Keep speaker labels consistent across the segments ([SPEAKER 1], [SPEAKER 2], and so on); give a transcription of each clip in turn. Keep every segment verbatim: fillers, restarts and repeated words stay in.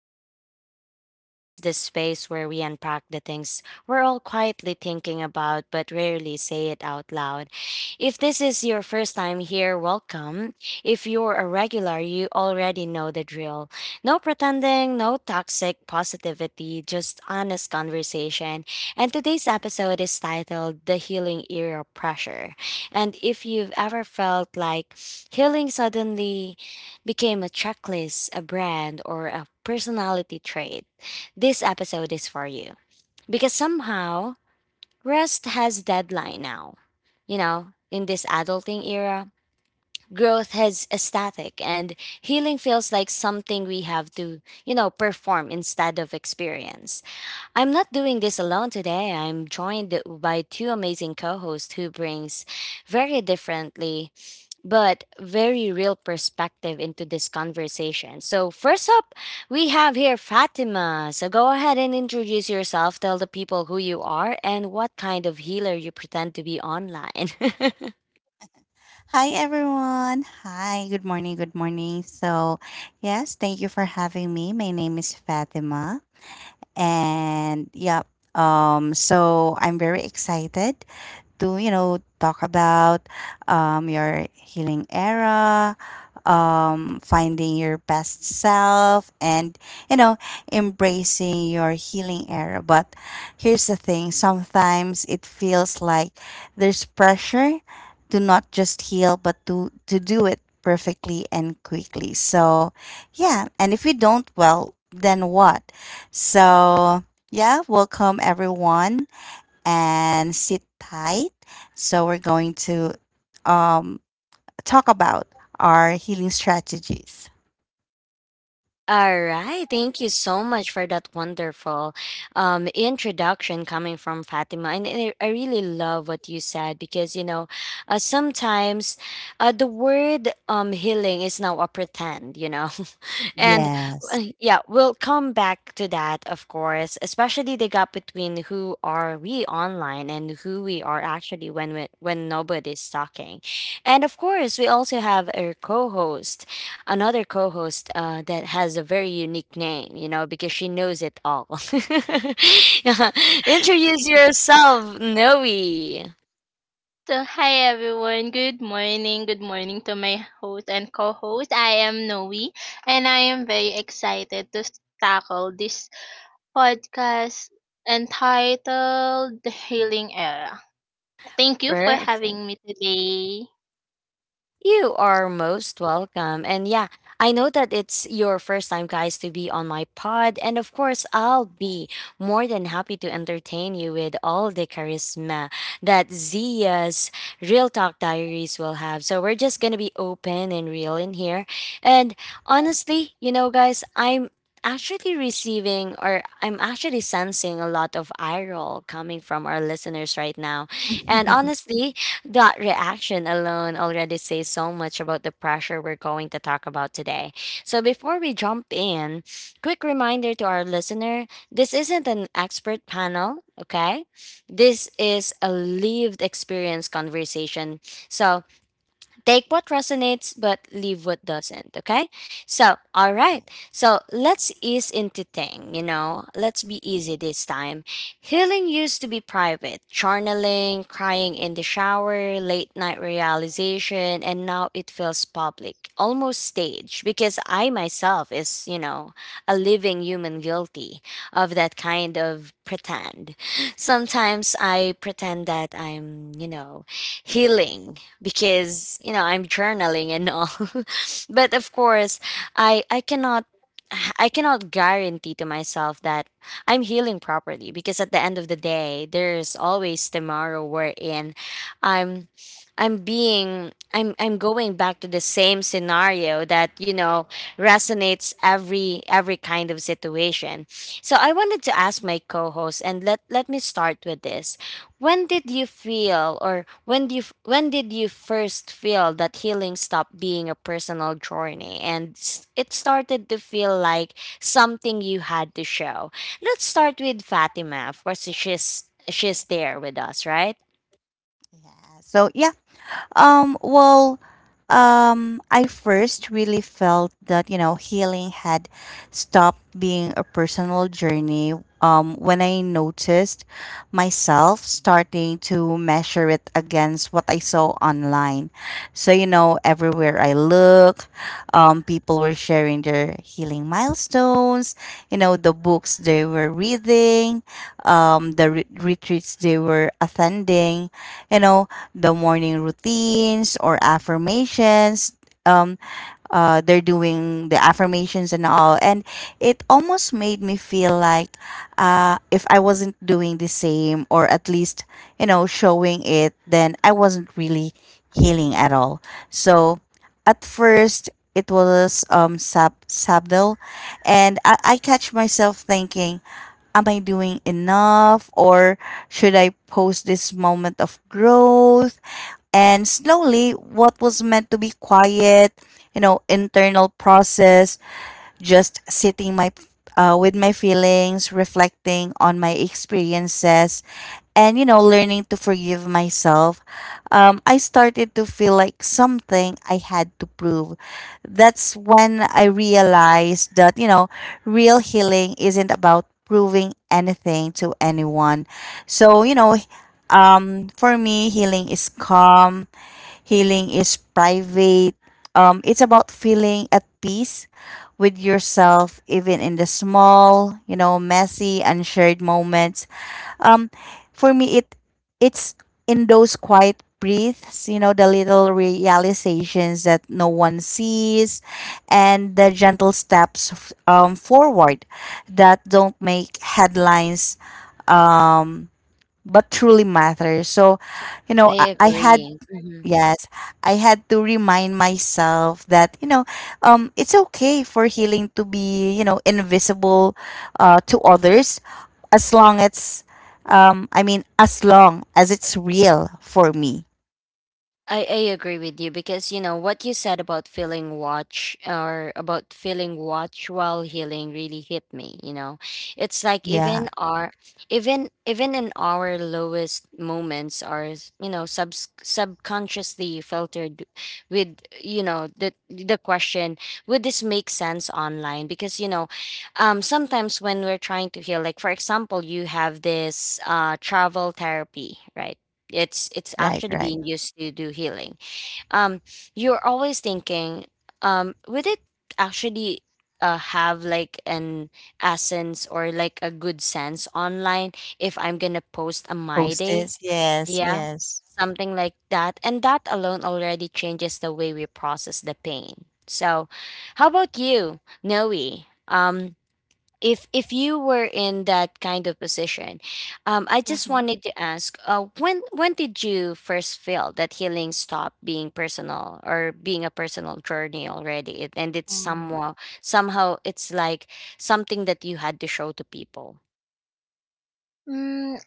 [SPEAKER 1] Real Talk Diaries. It's the space where we unpack the things we're all quietly thinking about but rarely say it out loud. If this is your first time here, welcome. If you're a regular, you already know the drill. No pretending, no toxic positivity, just honest conversation. And today's episode is titled The Healing Era Pressure. And if you've ever felt like healing suddenly, became a checklist, a brand, or a personality trait, this episode is for you. Because somehow, rest has deadline now. You know, in this adulting era, growth has a static and healing feels like something we have to, you know, perform instead of experience. I'm not doing this alone today. I'm joined by two amazing co-hosts who brings very differently but very real perspective into this conversation. So, first up, we have here Fatima. So, go ahead and introduce yourself. Tell the people who you are and what kind of healer you pretend to be online.
[SPEAKER 2] Hi everyone. Hi. Good morning. Good morning. So, yes, thank you for having me. My name is Fatima, and yeah, um so I'm very excited to you know talk about, um, your healing era, um, finding your best self, and you know embracing your healing era. But here's the thing, sometimes it feels like there's pressure to not just heal, but to to do it perfectly and quickly. So yeah, and if we don't, well, then what? So yeah, welcome everyone, and sit tight. So we're going to, um, talk about our healing strategies.
[SPEAKER 1] All right. Thank you so much for that wonderful um, introduction coming from Fatima. And I, I really love what you said because, you know, uh, sometimes uh, the word um, healing is now a pretend, you know. And
[SPEAKER 2] Yes.
[SPEAKER 1] uh, yeah, we'll come back to that, of course, especially the gap between who are we online and who we are actually when we, when nobody's talking. And of course, we also have a co-host, another co-host uh, that has a very unique name, you know, because she knows it all. Yeah. Introduce yourself, Noe.
[SPEAKER 3] So, hi everyone. Good morning. Good morning to my host and co host. I am Noe, and I am very excited to s- tackle this podcast entitled The Healing Era. Thank you for
[SPEAKER 1] Where?
[SPEAKER 3] having me today.
[SPEAKER 1] You are most welcome. And yeah, I know that it's your first time, guys, to be on my pod. And of course, I'll be more than happy to entertain you with all the charisma that Zia's Real Talk Diaries will have. So we're just going to be open and real in here. And honestly, you know, guys, I'm actually receiving or I'm actually sensing a lot of eye roll coming from our listeners right now. And
[SPEAKER 2] Yes.
[SPEAKER 1] honestly, that reaction alone already says so much about the pressure we're going to talk about today. So before we jump in, quick reminder to our listener, this isn't an expert panel, okay? This is a lived experience conversation. So take what resonates, but leave what doesn't. Okay. So, all right.
[SPEAKER 2] Right.
[SPEAKER 1] So, let's ease into thing, you know, let's be easy this time. Healing used to be private, journaling, crying in the shower, late night realization, and now it feels public, almost staged, because I myself is, you know, a living human guilty of that kind of pretend. Sometimes I pretend that I'm, you know, healing because you know I'm journaling and all. But of course, I I cannot I cannot guarantee to myself that I'm healing properly because at the end of the day, there's always tomorrow wherein I'm I'm being I'm I'm going back to the same scenario that you know resonates every every kind of situation. So I wanted to ask my co-host and let let me start with this. When did you feel or when do you f- when did you first feel that healing stopped being a personal journey and s- it started to feel like something you had to show? Let's start with Fatima. Of course, she's she's there with us, right?
[SPEAKER 2] Yeah. So yeah. Um, well, um, I first really felt that, you know, healing had stopped being a personal journey, um, when I noticed myself starting to measure it against what I saw online. So, you know, everywhere I look, um, people were sharing their healing milestones, you know, the books they were reading, um, the re- retreats they were attending, you know, the morning routines or affirmations. Um, uh, they're doing the affirmations and all. And it almost made me feel like, uh, if I wasn't doing the same, or at least, you know, showing it, then I wasn't really healing at all. So at first, it was, um, sub- subtle. And I-, I catch myself thinking, am I doing enough? Or should I post this moment of growth? And slowly, what was meant to be quiet, you know, internal process, just sitting my uh, with my feelings, reflecting on my experiences, and, you know, learning to forgive myself. Um, I started to feel like something I had to prove. That's when I realized that, you know, real healing isn't about proving anything to anyone. So you know. Um, for me, healing is calm. Healing is private. Um, it's about feeling at peace with yourself, even in the small, you know, messy, unshared moments. Um, for me, it it's in those quiet breaths, you know, the little realizations that no one sees, and the gentle steps, um, forward, that don't make headlines but truly matters. So, you
[SPEAKER 1] I
[SPEAKER 2] know, I, I had.
[SPEAKER 1] agree.
[SPEAKER 2] Yes, I had to remind myself that, you know, um, it's okay for healing to be, you know, invisible, uh, to others, as long as, um, I mean, as long as it's real for me.
[SPEAKER 1] I, I agree with you because you know what you said about feeling watch or about feeling watch while healing really hit me, you know. It's like
[SPEAKER 2] Yeah,
[SPEAKER 1] even our even even in our lowest moments are, you know, sub subconsciously filtered with, you know, the the question, would this make sense online? Because you know, um sometimes when we're trying to heal, like for example you have this uh travel therapy, right? It's it's
[SPEAKER 2] right,
[SPEAKER 1] actually
[SPEAKER 2] right.
[SPEAKER 1] being used to do healing. um you're always thinking, um would it actually uh, have like an essence or like a good sense online if I'm gonna post a my
[SPEAKER 2] Post
[SPEAKER 1] day?
[SPEAKER 2] this. Yes,
[SPEAKER 1] Yeah,
[SPEAKER 2] yes.
[SPEAKER 1] something like that, and that alone already changes the way we process the pain. So how about you, Noe? um if if you were in that kind of position, um, I just
[SPEAKER 3] Mhm.
[SPEAKER 1] wanted to ask, uh, when when did you first feel that healing stopped being personal or being a personal journey already, it, and it's
[SPEAKER 3] Mm.
[SPEAKER 1] somehow somehow it's like something that you had to show to people.
[SPEAKER 3] Mm,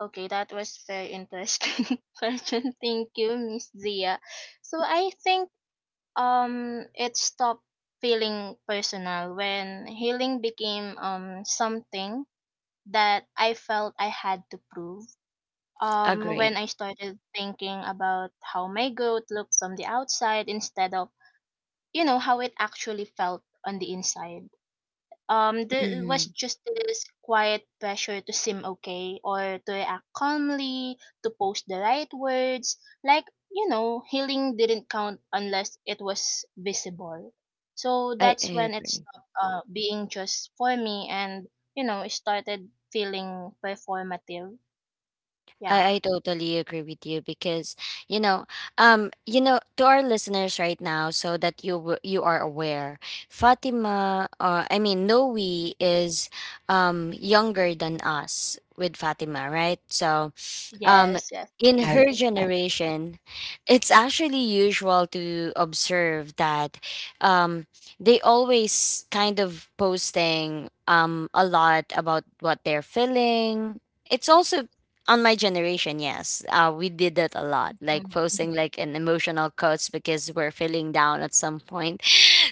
[SPEAKER 3] okay, that was very interesting question. Thank you, Miss Zia. So I think Um, it stopped feeling personal when healing became um something that I felt I had to prove. Um, when
[SPEAKER 1] Agree.
[SPEAKER 3] I started thinking about how my growth looked from the outside instead of you know how it actually felt on the inside. Um, there was
[SPEAKER 1] Hmm.
[SPEAKER 3] just this quiet pressure to seem okay or to act calmly, to post the right words. Like, you know, healing didn't count unless it was visible. So
[SPEAKER 1] I, I
[SPEAKER 3] that's when it
[SPEAKER 1] agree.
[SPEAKER 3] stopped uh, being just for me, and, you know, it started feeling performative. Yeah.
[SPEAKER 1] I, I totally agree with you because you know um you know to our listeners right now so that you w- you are aware Fatima uh, I mean Noe is um younger than us with Fatima, right? So um,
[SPEAKER 3] Yes, yes.
[SPEAKER 1] in
[SPEAKER 2] Yeah, yeah,
[SPEAKER 1] her
[SPEAKER 2] right.
[SPEAKER 1] generation, it's actually usual to observe that um, they always kind of posting um, a lot about what they're feeling. It's also on my generation, yes, uh, we did that a lot, like
[SPEAKER 3] Mhm,
[SPEAKER 1] posting
[SPEAKER 3] mhm.
[SPEAKER 1] like an emotional quotes because we're feeling down at some point.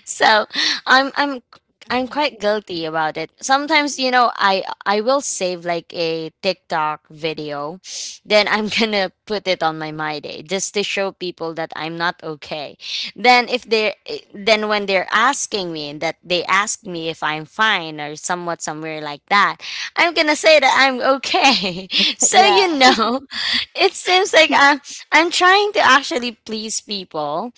[SPEAKER 1] So I'm i'm i'm
[SPEAKER 2] Mhm.
[SPEAKER 1] quite guilty about it sometimes, you know. I i will save like a tiktok video then I'm gonna put it on my my day just to show people that I'm not okay. Then if they are, then when they're asking me that they ask me if I'm fine or somewhat somewhere like that, I'm gonna say that I'm okay. So you
[SPEAKER 2] Yeah.
[SPEAKER 1] know it seems like i'm, I'm trying to actually please people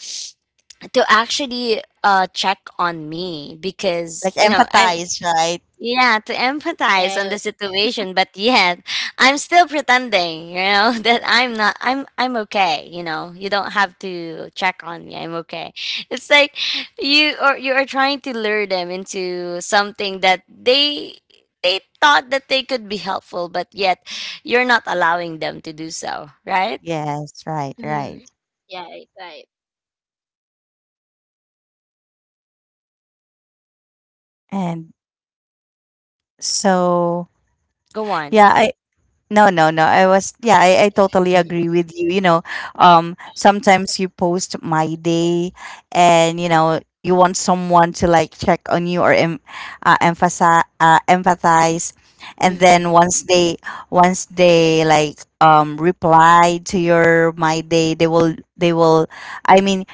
[SPEAKER 1] to actually uh check on me because
[SPEAKER 2] Like
[SPEAKER 1] you know I'm
[SPEAKER 2] empathize, right?
[SPEAKER 1] yeah to empathize on the
[SPEAKER 3] Yes.
[SPEAKER 1] situation but yet I'm still pretending you know that I'm not i'm I'm okay, you know. You don't have to check on me, I'm okay. It's like you or you are trying to lure them into something that they they thought that they could be helpful, but yet you're not allowing them to do so, right?
[SPEAKER 2] Yes, right, right.
[SPEAKER 3] Mm. Yeah, right, right.
[SPEAKER 2] And so,
[SPEAKER 1] Go on.
[SPEAKER 2] yeah, I, no, no, no. I was, yeah, I, I totally agree with you. You know, um, sometimes you post my day, and, you know, you want someone to like check on you, or em uh, emphasize, uh, empathize. And then
[SPEAKER 1] Hmm.
[SPEAKER 2] once they, once they like, um, replied to your my day, they will, they will, I mean,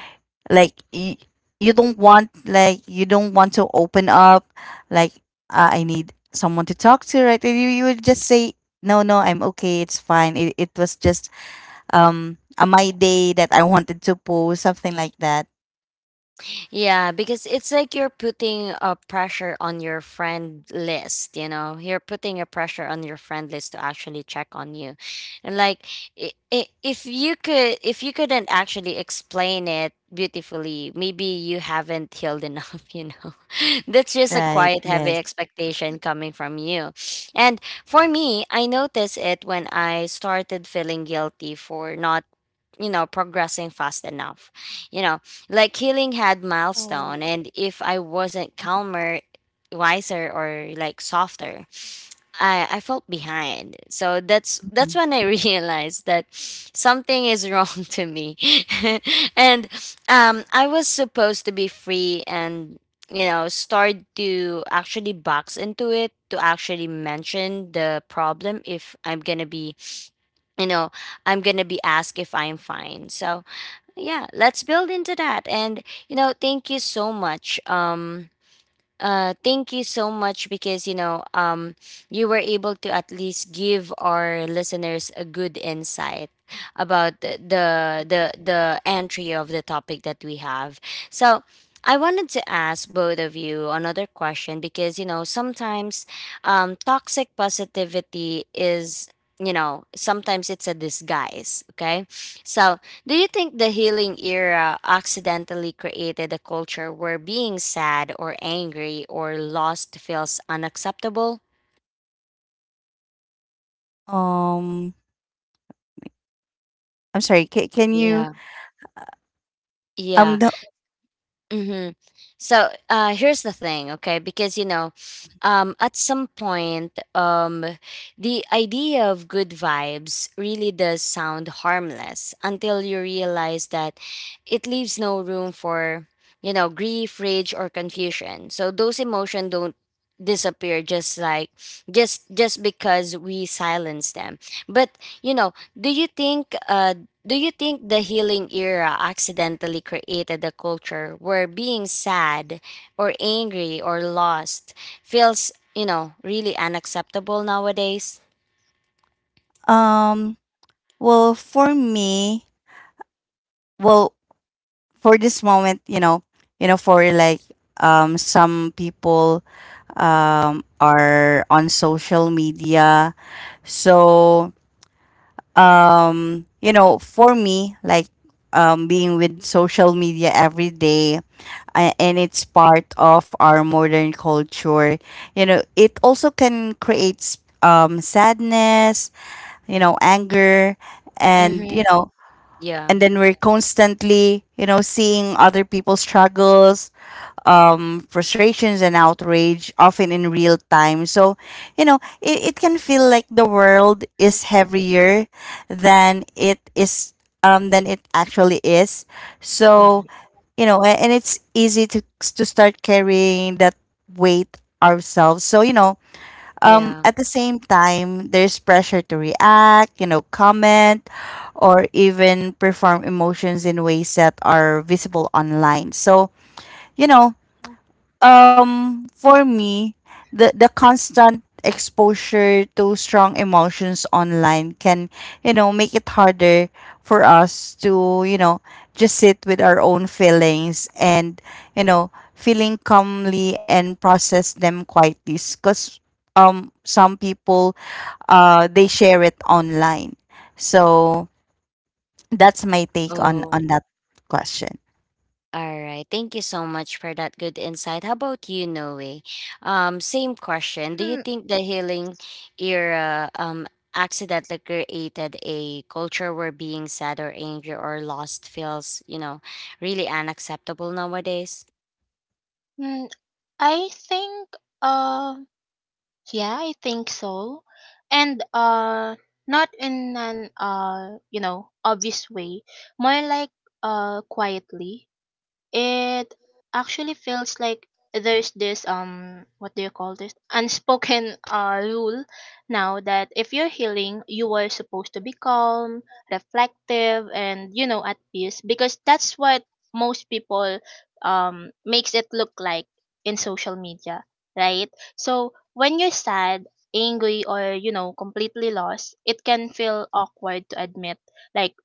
[SPEAKER 2] like, you, you don't want, like, you don't want to open up, like, uh, I need someone to talk to, right? And you, you would just say, no, no, I'm okay, it's fine. It, it was just, um a my day, that I wanted to post something like that.
[SPEAKER 1] Yeah, because it's like you're putting a pressure on your friend list, you know. You're putting a pressure on your friend list to actually check on you. And like i- i- if you could, if you couldn't actually explain it beautifully, maybe you haven't healed enough, you know. That's just a
[SPEAKER 2] Right.
[SPEAKER 1] quiet heavy
[SPEAKER 2] Yes.
[SPEAKER 1] expectation coming from you. And for me, I noticed it when I started feeling guilty for not you know progressing fast enough, you know, like healing had milestone,
[SPEAKER 3] Oh.
[SPEAKER 1] and if I wasn't calmer, wiser or like softer, i i felt behind. So that's that's
[SPEAKER 2] Mhm.
[SPEAKER 1] when I realized that something is wrong to me. And um I was supposed to be free and you know start to actually box into it to actually mention the problem if I'm gonna be, you know, I'm gonna be asked if I'm fine. So yeah, let's build into that. And you know thank you so much um uh thank you so much because you know um you were able to at least give our listeners a good insight about the the the, the entry of the topic that we have. So I wanted to ask both of you another question because you know sometimes um, toxic positivity is, you know, sometimes it's a disguise, okay? So do you think the healing era accidentally created a culture where being sad or angry or lost feels unacceptable?
[SPEAKER 2] um I'm sorry, can, can you,
[SPEAKER 1] Yeah.
[SPEAKER 2] um
[SPEAKER 1] Yeah.
[SPEAKER 2] the,
[SPEAKER 1] Mm-hmm. So uh, here's the thing, okay? Because you know, um, at some point, um, the idea of good vibes really does sound harmless until you realize that it leaves no room for you know grief, rage, or confusion. So those emotions don't disappear just like just just because we silence them. But you know, do you think uh do you think the healing era accidentally created a culture where being sad or angry or lost feels, you know, really unacceptable nowadays?
[SPEAKER 2] um well, for me, well, for this moment, you know, you know, for like um some people, um are on social media. So, um, you know, for me, like, um being with social media every day, a- and it's part of our modern culture. You know, it also can create, um sadness, you know, anger, and
[SPEAKER 1] Mm-hmm.
[SPEAKER 2] you know
[SPEAKER 1] Yeah.
[SPEAKER 2] and then we're constantly, you know, seeing other people's struggles, um frustrations and outrage, often in real time. So, you know, it, it can feel like the world is heavier than it is, um than it actually is. So,
[SPEAKER 1] Mhm.
[SPEAKER 2] you know, a- and it's easy to to start carrying that weight ourselves. So, you know, um,
[SPEAKER 1] Yeah.
[SPEAKER 2] at the same time, there's pressure to react, you know, comment, or even perform emotions in ways that are visible online. So, you know, um for me, the the constant exposure to strong emotions online can, you know, make it harder for us to, you know, just sit with our own feelings, and, you know, feeling calmly and process them quietly, because, um some people, uh they share it online. So that's my take on
[SPEAKER 1] Oh.
[SPEAKER 2] on that question.
[SPEAKER 1] All right. Thank you so much for that good insight. How about you, Noe? Um, same question. Do you
[SPEAKER 3] Hmm.
[SPEAKER 1] think the healing era um accidentally created a culture where being sad or angry or lost feels, you know, really unacceptable nowadays?
[SPEAKER 3] mm, I think uh yeah, I think so. And uh not in an uh you know, obvious way. More like uh quietly. It actually feels like there's this um what do you call this unspoken uh rule now that if you're healing you are supposed to be calm, reflective, and you know at peace because that's what most people um makes it look like in social media, right? So when you're sad, angry, or you know completely lost, it can feel awkward to admit like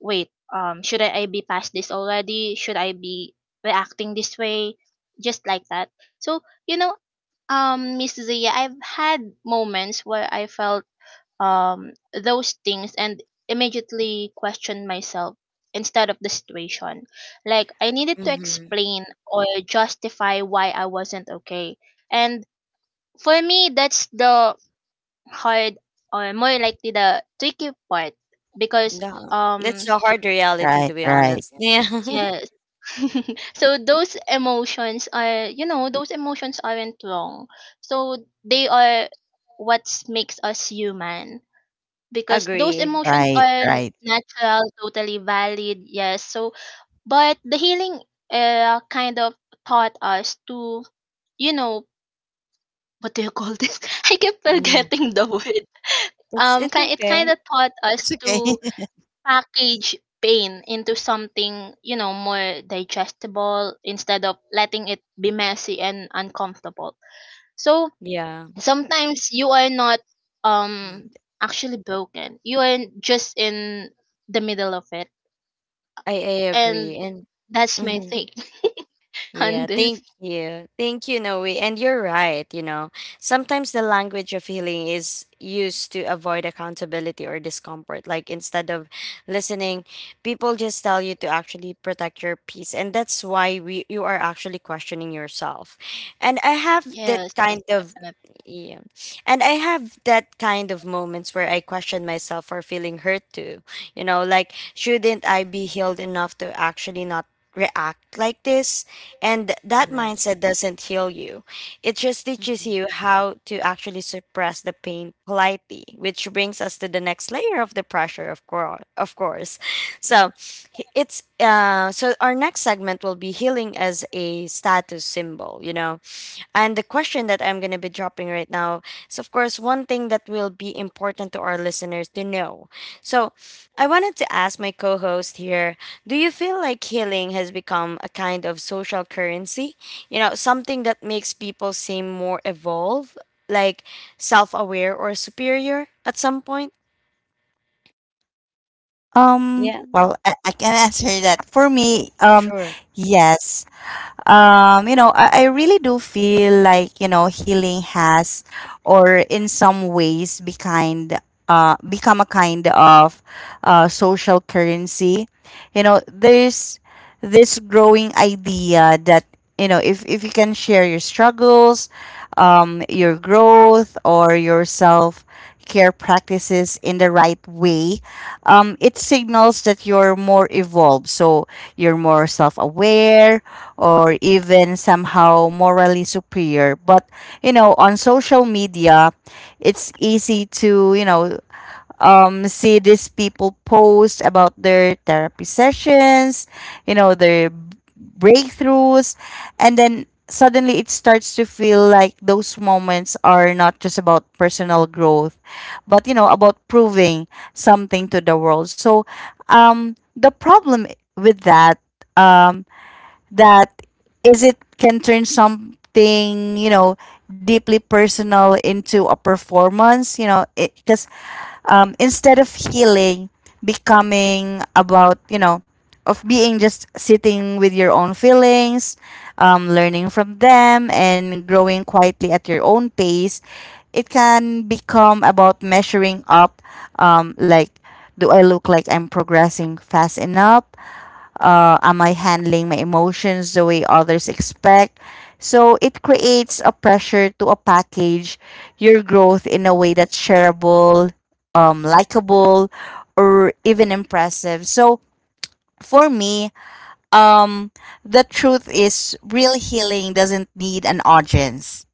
[SPEAKER 3] wait, um, shouldn't I I be past this already? Should I be reacting this way? Just like that. So, you know, um, Miss Zia, I've had moments where I felt um those things and immediately questioned myself instead of the situation. Like I needed to
[SPEAKER 1] Mm-hmm.
[SPEAKER 3] explain or justify why I wasn't okay. And for me that's the hard or more likely the tricky part because
[SPEAKER 1] No,
[SPEAKER 3] um
[SPEAKER 1] that's a hard reality
[SPEAKER 2] Right.
[SPEAKER 1] to be
[SPEAKER 2] Right.
[SPEAKER 1] honest. Yeah.
[SPEAKER 3] Yes. so those emotions are, you know, those emotions aren't wrong. So they are what makes us human because those
[SPEAKER 1] Agree.
[SPEAKER 3] emotions
[SPEAKER 2] Right.
[SPEAKER 3] are n-
[SPEAKER 2] Right.
[SPEAKER 3] natural, totally valid. Yes. So, but the healing uh, kind of taught us to, you know, what do you call this? I keep
[SPEAKER 1] Yeah.
[SPEAKER 3] forgetting the word.
[SPEAKER 1] It's
[SPEAKER 3] Um,
[SPEAKER 1] it's
[SPEAKER 3] ki- it kind
[SPEAKER 1] okay.
[SPEAKER 3] of taught
[SPEAKER 2] It's
[SPEAKER 3] us
[SPEAKER 2] okay.
[SPEAKER 3] to package pain into something, you know, more digestible instead of letting it be messy and uncomfortable. So
[SPEAKER 1] Yeah.
[SPEAKER 3] sometimes you are not um actually broken. You are just in the middle of it.
[SPEAKER 1] I, I agree.
[SPEAKER 3] And
[SPEAKER 1] And
[SPEAKER 3] that's my
[SPEAKER 1] mm-hmm.
[SPEAKER 3] take
[SPEAKER 1] Yeah,
[SPEAKER 3] on this.
[SPEAKER 1] thank you. Thank you, Noe. And you're right, you know. Sometimes the language of healing is used to avoid accountability or discomfort. Like instead of listening, people just tell you to actually protect your peace. And that's why we you are actually questioning yourself. And I have
[SPEAKER 3] Yes,
[SPEAKER 1] that
[SPEAKER 3] yes,
[SPEAKER 1] kind of
[SPEAKER 3] definitely.
[SPEAKER 1] yeah. And I have that kind of moments where I question myself for feeling hurt too. You know, like shouldn't I be healed enough to actually not react like this? And that
[SPEAKER 2] Right.
[SPEAKER 1] mindset doesn't heal you. It just teaches
[SPEAKER 2] Mhm.
[SPEAKER 1] you how to actually suppress the pain politely, which brings us to the next layer of the pressure, of course. Of course. So he- it's uh, so our next segment will be healing as a status symbol, you know. And the question that I'm gonna be dropping right now is, of course, one thing that will be important to our listeners to know. So I wanted to ask my co-host here, do you feel like healing has become a kind of social currency? You know, something that makes people seem more evolved, like self aware or superior at some point?
[SPEAKER 2] Um,
[SPEAKER 1] Yeah,
[SPEAKER 2] well, I, I can answer that. For me,
[SPEAKER 1] we
[SPEAKER 2] um,
[SPEAKER 1] sure.
[SPEAKER 2] yes. um, you know, I, I really do feel like, you know, healing has, or in some ways be kind, uh become a kind of, uh social currency. You know, there's this growing idea that, you know, if if you can share your struggles, um, your growth, or your self care practices in the right way, um, it signals that you're more evolved. So you're more self aware, or even somehow morally superior. But you know, on social media, it's easy to, you know, um, see these people post about their therapy sessions, you know, their breakthroughs, and then suddenly it starts to feel like those moments are not just about personal growth but, you know, about proving something to the world. So um the problem with that, um that is, it can turn something, you know, deeply personal into a performance, you know, because, um, instead of healing becoming about, you know, of being just sitting with your own feelings, um, learning from them and growing quietly at your own pace, it can become about measuring up, um, like, do I look like I'm progressing fast enough? Uh, am I handling my emotions the way others expect? So it creates a pressure to a package your growth in a way that's shareable, um, likable, or even impressive. So for me, um, the truth is, real healing doesn't need an audience.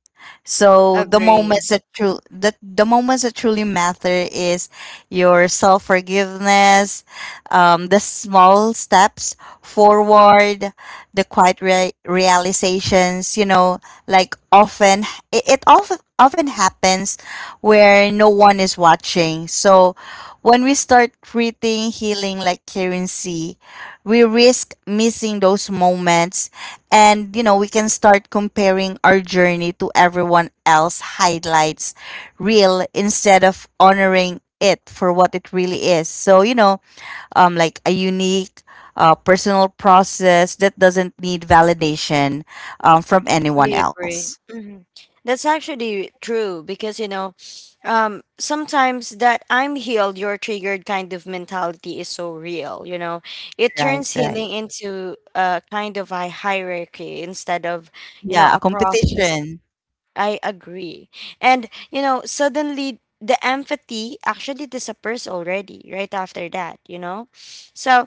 [SPEAKER 2] So the
[SPEAKER 1] Agree.
[SPEAKER 2] moments that true that the moments that truly matter is your self forgiveness, um, the small steps forward, the quiet re- realizations. You know, like often, it, it often often happens where no one is watching. So when we start treating healing like currency, we risk missing those moments. And, you know, we can start comparing our journey to everyone else highlights real, instead of honoring it for what it really is. So, you know, um like a unique, uh, personal process that doesn't need validation, um, from anyone
[SPEAKER 1] We
[SPEAKER 2] else.
[SPEAKER 1] agree. Hmm. That's actually true because, you know, um, sometimes that I'm healed, you're triggered kind of mentality is so real, you know. It
[SPEAKER 2] Right.
[SPEAKER 1] turns
[SPEAKER 2] Right.
[SPEAKER 1] healing into a kind of a hierarchy instead of, you know,
[SPEAKER 2] Yeah, a
[SPEAKER 1] a process.
[SPEAKER 2] competition.
[SPEAKER 1] I agree. And, you know, suddenly the empathy actually disappears already right after that, you know? So,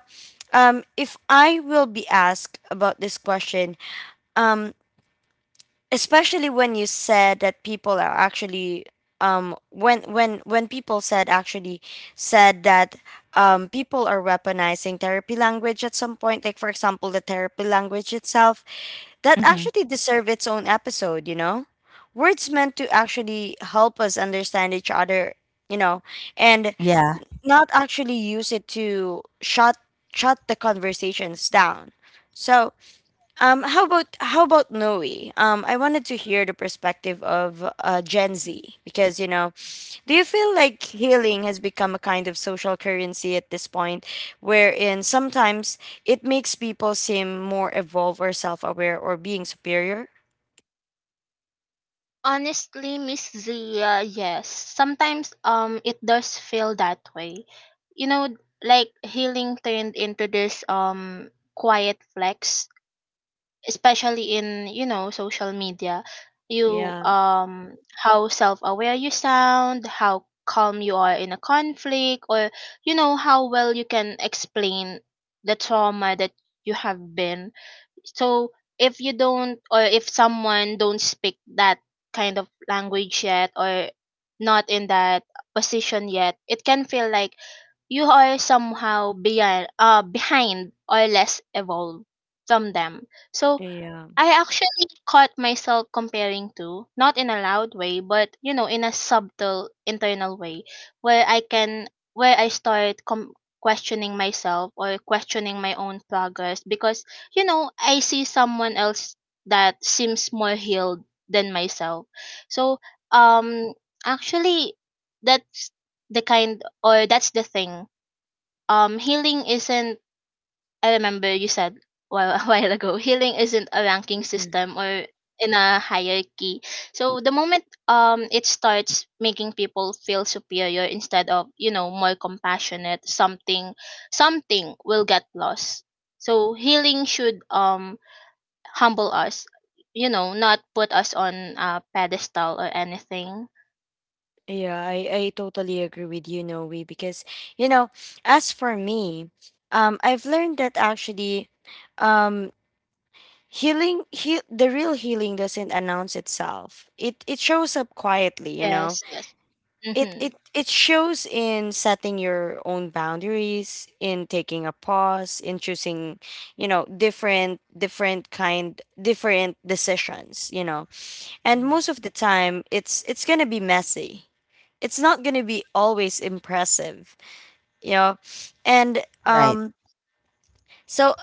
[SPEAKER 1] um, if I will be asked about this question, um, especially when you said that people are actually um when when when people said actually said that um people are weaponizing therapy language at some point, like for example the therapy language itself that
[SPEAKER 2] Mm-hmm.
[SPEAKER 1] actually deserve its own episode, you know? Words meant to actually help us understand each other, you know, and
[SPEAKER 2] Yeah.
[SPEAKER 1] not actually use it to shut shut the conversations down. So um, how about how about Noe? Um, I wanted to hear the perspective of uh, Gen Z because you know, do you feel like healing has become a kind of social currency at this point, wherein sometimes it makes people seem more evolved or self-aware or being superior?
[SPEAKER 3] Honestly, Miss Zia, yes. Sometimes um it does feel that way. You know, like healing turned into this um quiet flex, especially in, you know, social media. You
[SPEAKER 1] Yeah,
[SPEAKER 3] um how self-aware you sound, how calm you are in a conflict, or you know how well you can explain the trauma that you have been. So if you don't, or if someone don't speak that kind of language yet, or not in that position yet, it can feel like you are somehow beyond uh behind or less evolved from them. So
[SPEAKER 1] yeah.
[SPEAKER 3] I actually caught myself comparing, to not in a loud way, but you know, in a subtle internal way where I can where I start com- questioning myself or questioning my own progress because you know, I see someone else that seems more healed than myself. So, um actually that's the kind or that's the thing. Um healing isn't, I remember you said while a while ago, healing isn't a ranking
[SPEAKER 1] Mm.
[SPEAKER 3] system or in a hierarchy. So the moment um it starts making people feel superior instead of, you know, more compassionate, something something will get lost. So healing should um humble us, you know, not put us on a pedestal or anything.
[SPEAKER 1] Yeah, I, I totally agree with you, Noe, because you know, as for me, um, I've learned that actually. Um, healing he, the real healing doesn't announce itself. It it shows up quietly, you know.
[SPEAKER 3] Yes, yes.
[SPEAKER 1] it it
[SPEAKER 3] Mhm.
[SPEAKER 1] it shows in setting your own boundaries, in taking a pause, in choosing, you know, different different kind different decisions, you know. And
[SPEAKER 2] Mhm.
[SPEAKER 1] most of the time it's it's going to be messy, it's not going to be always impressive, you know. And
[SPEAKER 2] Right.
[SPEAKER 1] um so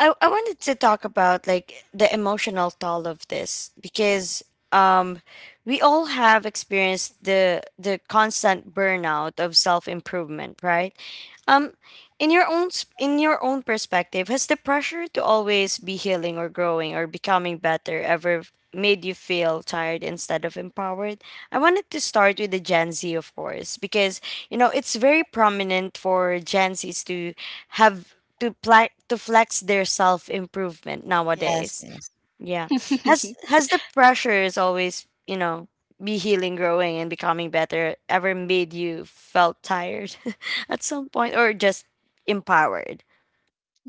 [SPEAKER 1] I I wanted to talk about like the emotional toll of this because um we all have experienced the the constant burnout of self-improvement, right? Um in your own s- in your own perspective, has the pressure to always be healing or growing or becoming better ever f- made you feel tired instead of empowered? I wanted to start with the Gen Z, of course, because you know it's very prominent for Gen Zs to have to pla- to flex their self improvement
[SPEAKER 2] Yes,
[SPEAKER 1] nowadays.
[SPEAKER 2] yes,
[SPEAKER 1] Yeah. Has has the pressure is always, you know, be healing, growing and becoming better ever made you felt tired at some point or just empowered?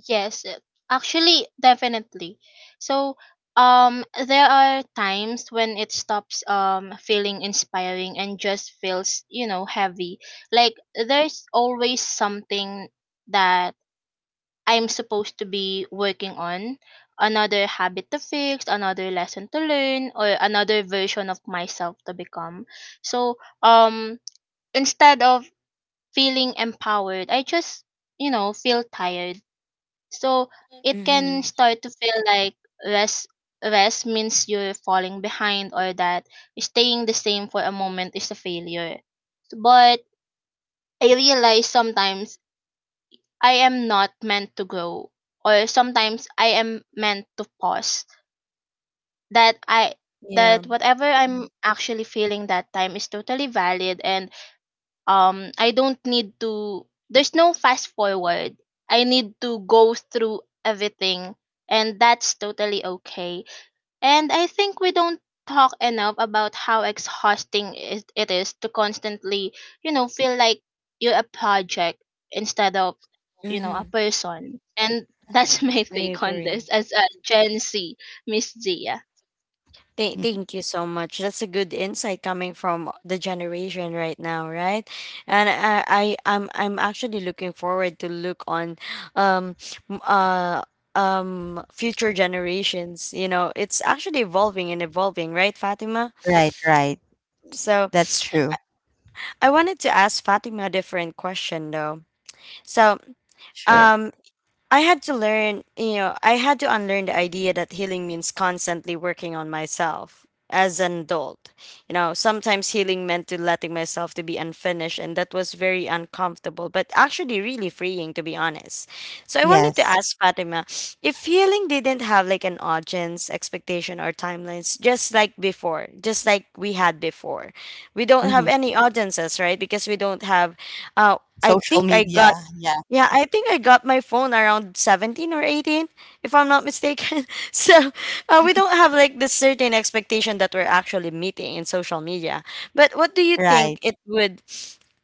[SPEAKER 3] Yes, uh, actually, definitely. So, um, there are times when it stops um feeling inspiring and just feels, you know, heavy. Like there's always something that I'm supposed to be working on, another habit to fix, another lesson to learn, or another version of myself to become. So, um, instead of feeling empowered, I just, you know, feel tired. So it can
[SPEAKER 1] Mhm.
[SPEAKER 3] start to feel like rest rest means you're falling behind or that staying the same for a moment is a failure. But I realize sometimes I am not meant to grow, or sometimes I am meant to pause. That I
[SPEAKER 1] Yeah.
[SPEAKER 3] that whatever I'm actually feeling that time is totally valid and um I don't need to, there's no fast forward. I need to go through everything and that's totally okay. And I think we don't talk enough about how exhausting is- it is to constantly, you know, feel like you're a project instead of, you know, a
[SPEAKER 1] Mhm.
[SPEAKER 3] person. And that's
[SPEAKER 2] right.
[SPEAKER 3] my
[SPEAKER 1] I
[SPEAKER 3] take on
[SPEAKER 1] agree.
[SPEAKER 3] this as a Gen Z, Miss Zia.
[SPEAKER 1] Th- thank you so much. That's a good insight coming from the generation right now, right? And I, I I'm I'm actually looking forward to look on um m- uh um future generations. You know, it's actually evolving and evolving, right, Fatima?
[SPEAKER 2] Right. Right.
[SPEAKER 1] So
[SPEAKER 2] That's true.
[SPEAKER 1] I wanted to ask Fatima a different question though. So
[SPEAKER 2] Sure.
[SPEAKER 1] um I had to learn, you know, I had to unlearn the idea that healing means constantly working on myself as an adult. You know, sometimes healing meant to letting myself to be unfinished and that was very uncomfortable, but actually really freeing to be honest. So I wanted to
[SPEAKER 2] Yes.
[SPEAKER 1] ask Fatima, if healing didn't have like an audience, expectation or timelines, just like before, just like we had before. We don't have
[SPEAKER 2] Mm-hmm.
[SPEAKER 1] any audiences, right? Because we don't have uh I
[SPEAKER 2] Social
[SPEAKER 1] think I
[SPEAKER 2] media,
[SPEAKER 1] got,
[SPEAKER 2] yeah.
[SPEAKER 1] yeah, I think I got my phone around seventeen or eighteen, if I'm not mistaken. So uh, we don't have like this certain expectation that we're actually meeting in social media. But what do you
[SPEAKER 2] Right.
[SPEAKER 1] think it would,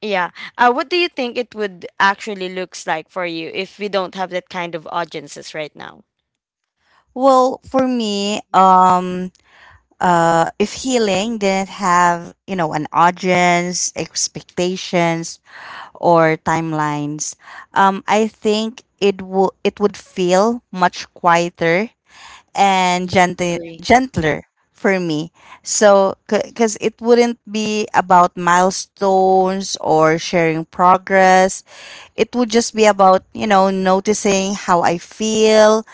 [SPEAKER 1] yeah, uh, what do you think it would actually looks like for you if we don't have that kind of audiences right now?
[SPEAKER 2] Well, for me, um, uh, if healing didn't have, you know, an audience, expectations, or timelines, um, I think it would it would feel much quieter and gentle
[SPEAKER 1] Agree.
[SPEAKER 2] gentler for me. So because it wouldn't be about milestones or sharing progress, it would just be about, you know, noticing how I feel,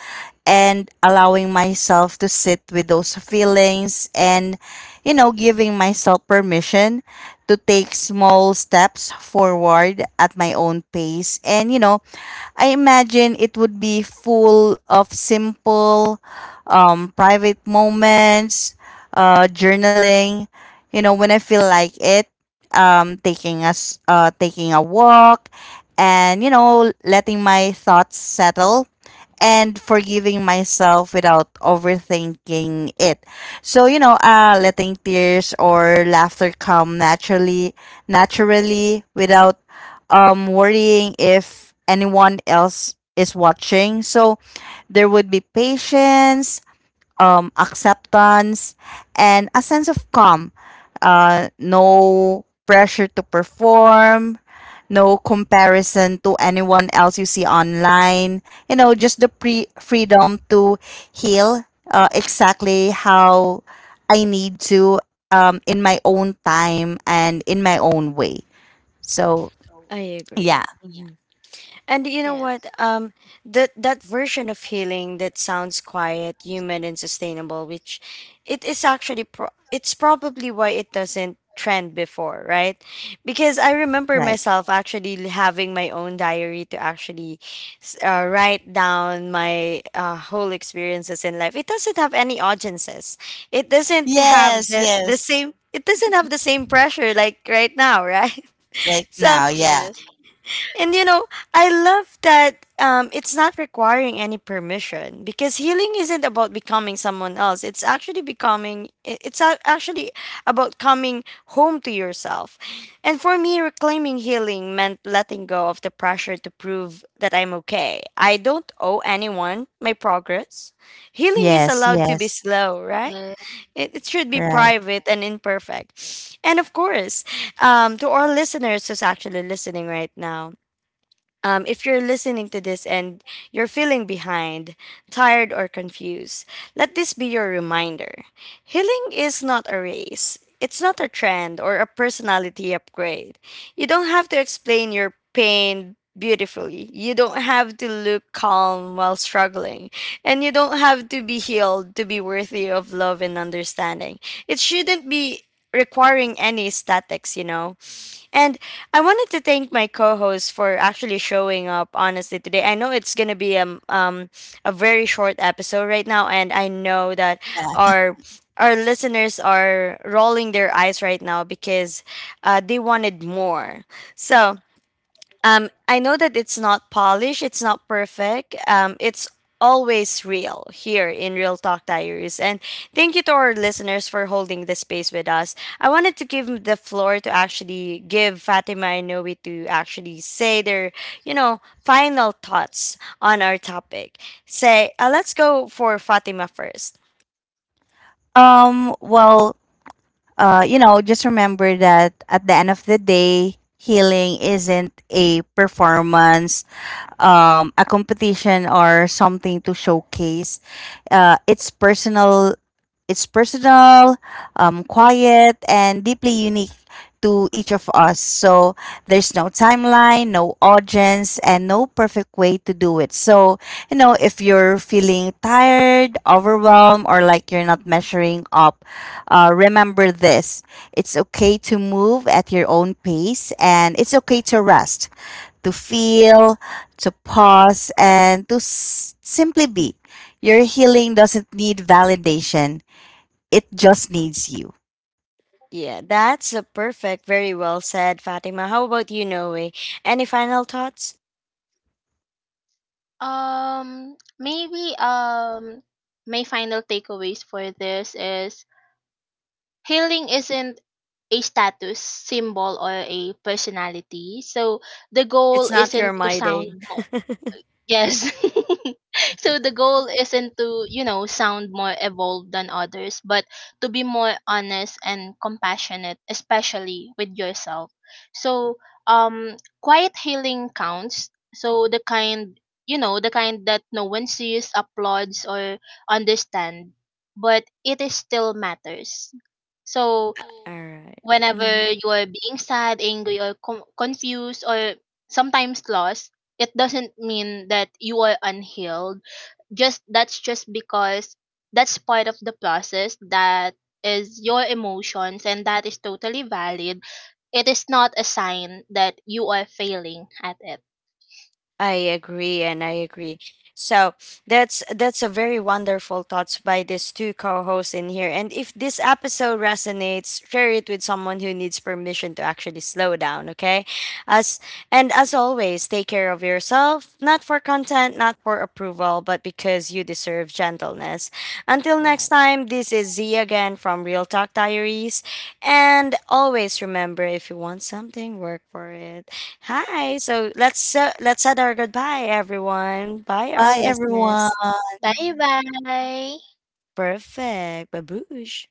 [SPEAKER 2] and allowing myself to sit with those feelings, and, you know, giving myself permission to take small steps forward at my own pace. And, you know, I imagine it would be full of simple, um, private moments, uh, journaling. You know, when I feel like it, um, taking us, uh, taking a walk, and, you know, letting my thoughts settle, and forgiving myself without overthinking it. So, you know, uh, letting tears or laughter come naturally, naturally without, um, worrying if anyone else is watching. So there would be patience, um, acceptance, and a sense of calm. Uh, no pressure to perform, no comparison to anyone else you see online. You know, just the pre- freedom to heal, uh, exactly how I need to, um, in my own time and in my own way. So,
[SPEAKER 1] I
[SPEAKER 2] yeah,
[SPEAKER 1] agree. And you know what?
[SPEAKER 3] Yes.
[SPEAKER 1] Um, that that version of healing that sounds quiet, human, and sustainable, which it is actually pro- it's probably why it doesn't trend before, right? Because I remember
[SPEAKER 2] right.
[SPEAKER 1] myself actually l- having my own diary to actually s- uh, write down my uh, whole experiences in life. It doesn't have any audiences. It doesn't have
[SPEAKER 2] Yes,
[SPEAKER 1] the the
[SPEAKER 2] yes,
[SPEAKER 1] same. It doesn't have the same pressure like right now, right?
[SPEAKER 2] right
[SPEAKER 1] So
[SPEAKER 2] now, yeah.
[SPEAKER 3] Yes.
[SPEAKER 1] and you know, I love that um, it's not requiring any permission because healing isn't about becoming someone else. It's actually becoming, i- it's a- actually about coming home to yourself. And for me, reclaiming healing meant letting go of the pressure to prove that I'm okay. I don't owe anyone my progress. Healing is
[SPEAKER 2] Yes,
[SPEAKER 1] allowed to be
[SPEAKER 2] yes,
[SPEAKER 1] slow, right?
[SPEAKER 3] Yeah.
[SPEAKER 1] It, it should be
[SPEAKER 2] right.
[SPEAKER 1] private and imperfect. And of course, um, to our listeners who's actually listening right now, um, if you're listening to this and you're feeling behind, tired, or confused, let this be your reminder. Healing is not a race, it's not a trend or a personality upgrade. You don't have to explain your pain beautifully, you don't have to look calm while struggling, and you don't have to be healed to be worthy of love and understanding. It shouldn't be requiring any statics, you know? And I wanted to thank my co-host for actually showing up honestly today. I know it's gonna be um, um a very short episode right now, and I know that
[SPEAKER 2] Yeah.
[SPEAKER 1] our our listeners are rolling their eyes right now because uh, they wanted more. So um, I know that it's not polished, it's not perfect. Um, it's always real here in Real Talk Diaries. And thank you to our listeners for holding this space with us. I wanted to give the floor to actually give Fatima and Noe to actually say their, you know, final thoughts on our topic. Say, uh, let's go for Fatima first.
[SPEAKER 2] Um, well, uh, you know, just remember that at the end of the day, healing isn't a performance, um, a competition, or something to showcase. Uh, it's personal. It's personal, um, quiet, and deeply unique to each of us. So there's no timeline, no audience, and no perfect way to do it. So, you know, if you're feeling tired, overwhelmed, or like you're not measuring up, uh, remember this, it's okay to move at your own pace, and it's okay to rest, to feel, to pause, and to s- simply be. Your healing doesn't need validation. It just needs you.
[SPEAKER 1] Yeah, that's a perfect. Very well said, Fatima. How about you, Noe? Any final thoughts?
[SPEAKER 3] Um maybe um my final takeaways for this is healing isn't a status symbol or a personality. So the goal
[SPEAKER 1] It's not your
[SPEAKER 3] isn't to
[SPEAKER 1] my
[SPEAKER 3] sound,
[SPEAKER 1] day.
[SPEAKER 3] Yes, so the goal isn't to, you know, sound more evolved than others, but to be more honest and compassionate, especially with yourself. So, um, quiet healing counts. So the kind, you know, the kind that no one sees, applauds, or understand, but it is still matters. So
[SPEAKER 1] All right. Mhm.
[SPEAKER 3] whenever you are being sad, angry, or com- confused, or sometimes lost, it doesn't mean that you are unhealed. Just That's just because that's part of the process, that is your emotions, and that is totally valid. It is not a sign that you are failing at it.
[SPEAKER 1] I agree and I agree. So that's that's a very wonderful thoughts by these two co-hosts in here. And if this episode resonates, share it with someone who needs permission to actually slow down, okay? As and as always, take care of yourself, not for content, not for approval, but because you deserve gentleness. Until next
[SPEAKER 2] Right.
[SPEAKER 1] time, this is Z again from Real Talk Diaries. And always remember, if you want something, work for it. Hi. So let's uh, let's add our goodbye, everyone. Bye, our
[SPEAKER 2] Bye,
[SPEAKER 1] listeners.
[SPEAKER 2] everyone.
[SPEAKER 3] Bye bye.
[SPEAKER 1] Perfect. Baboosh.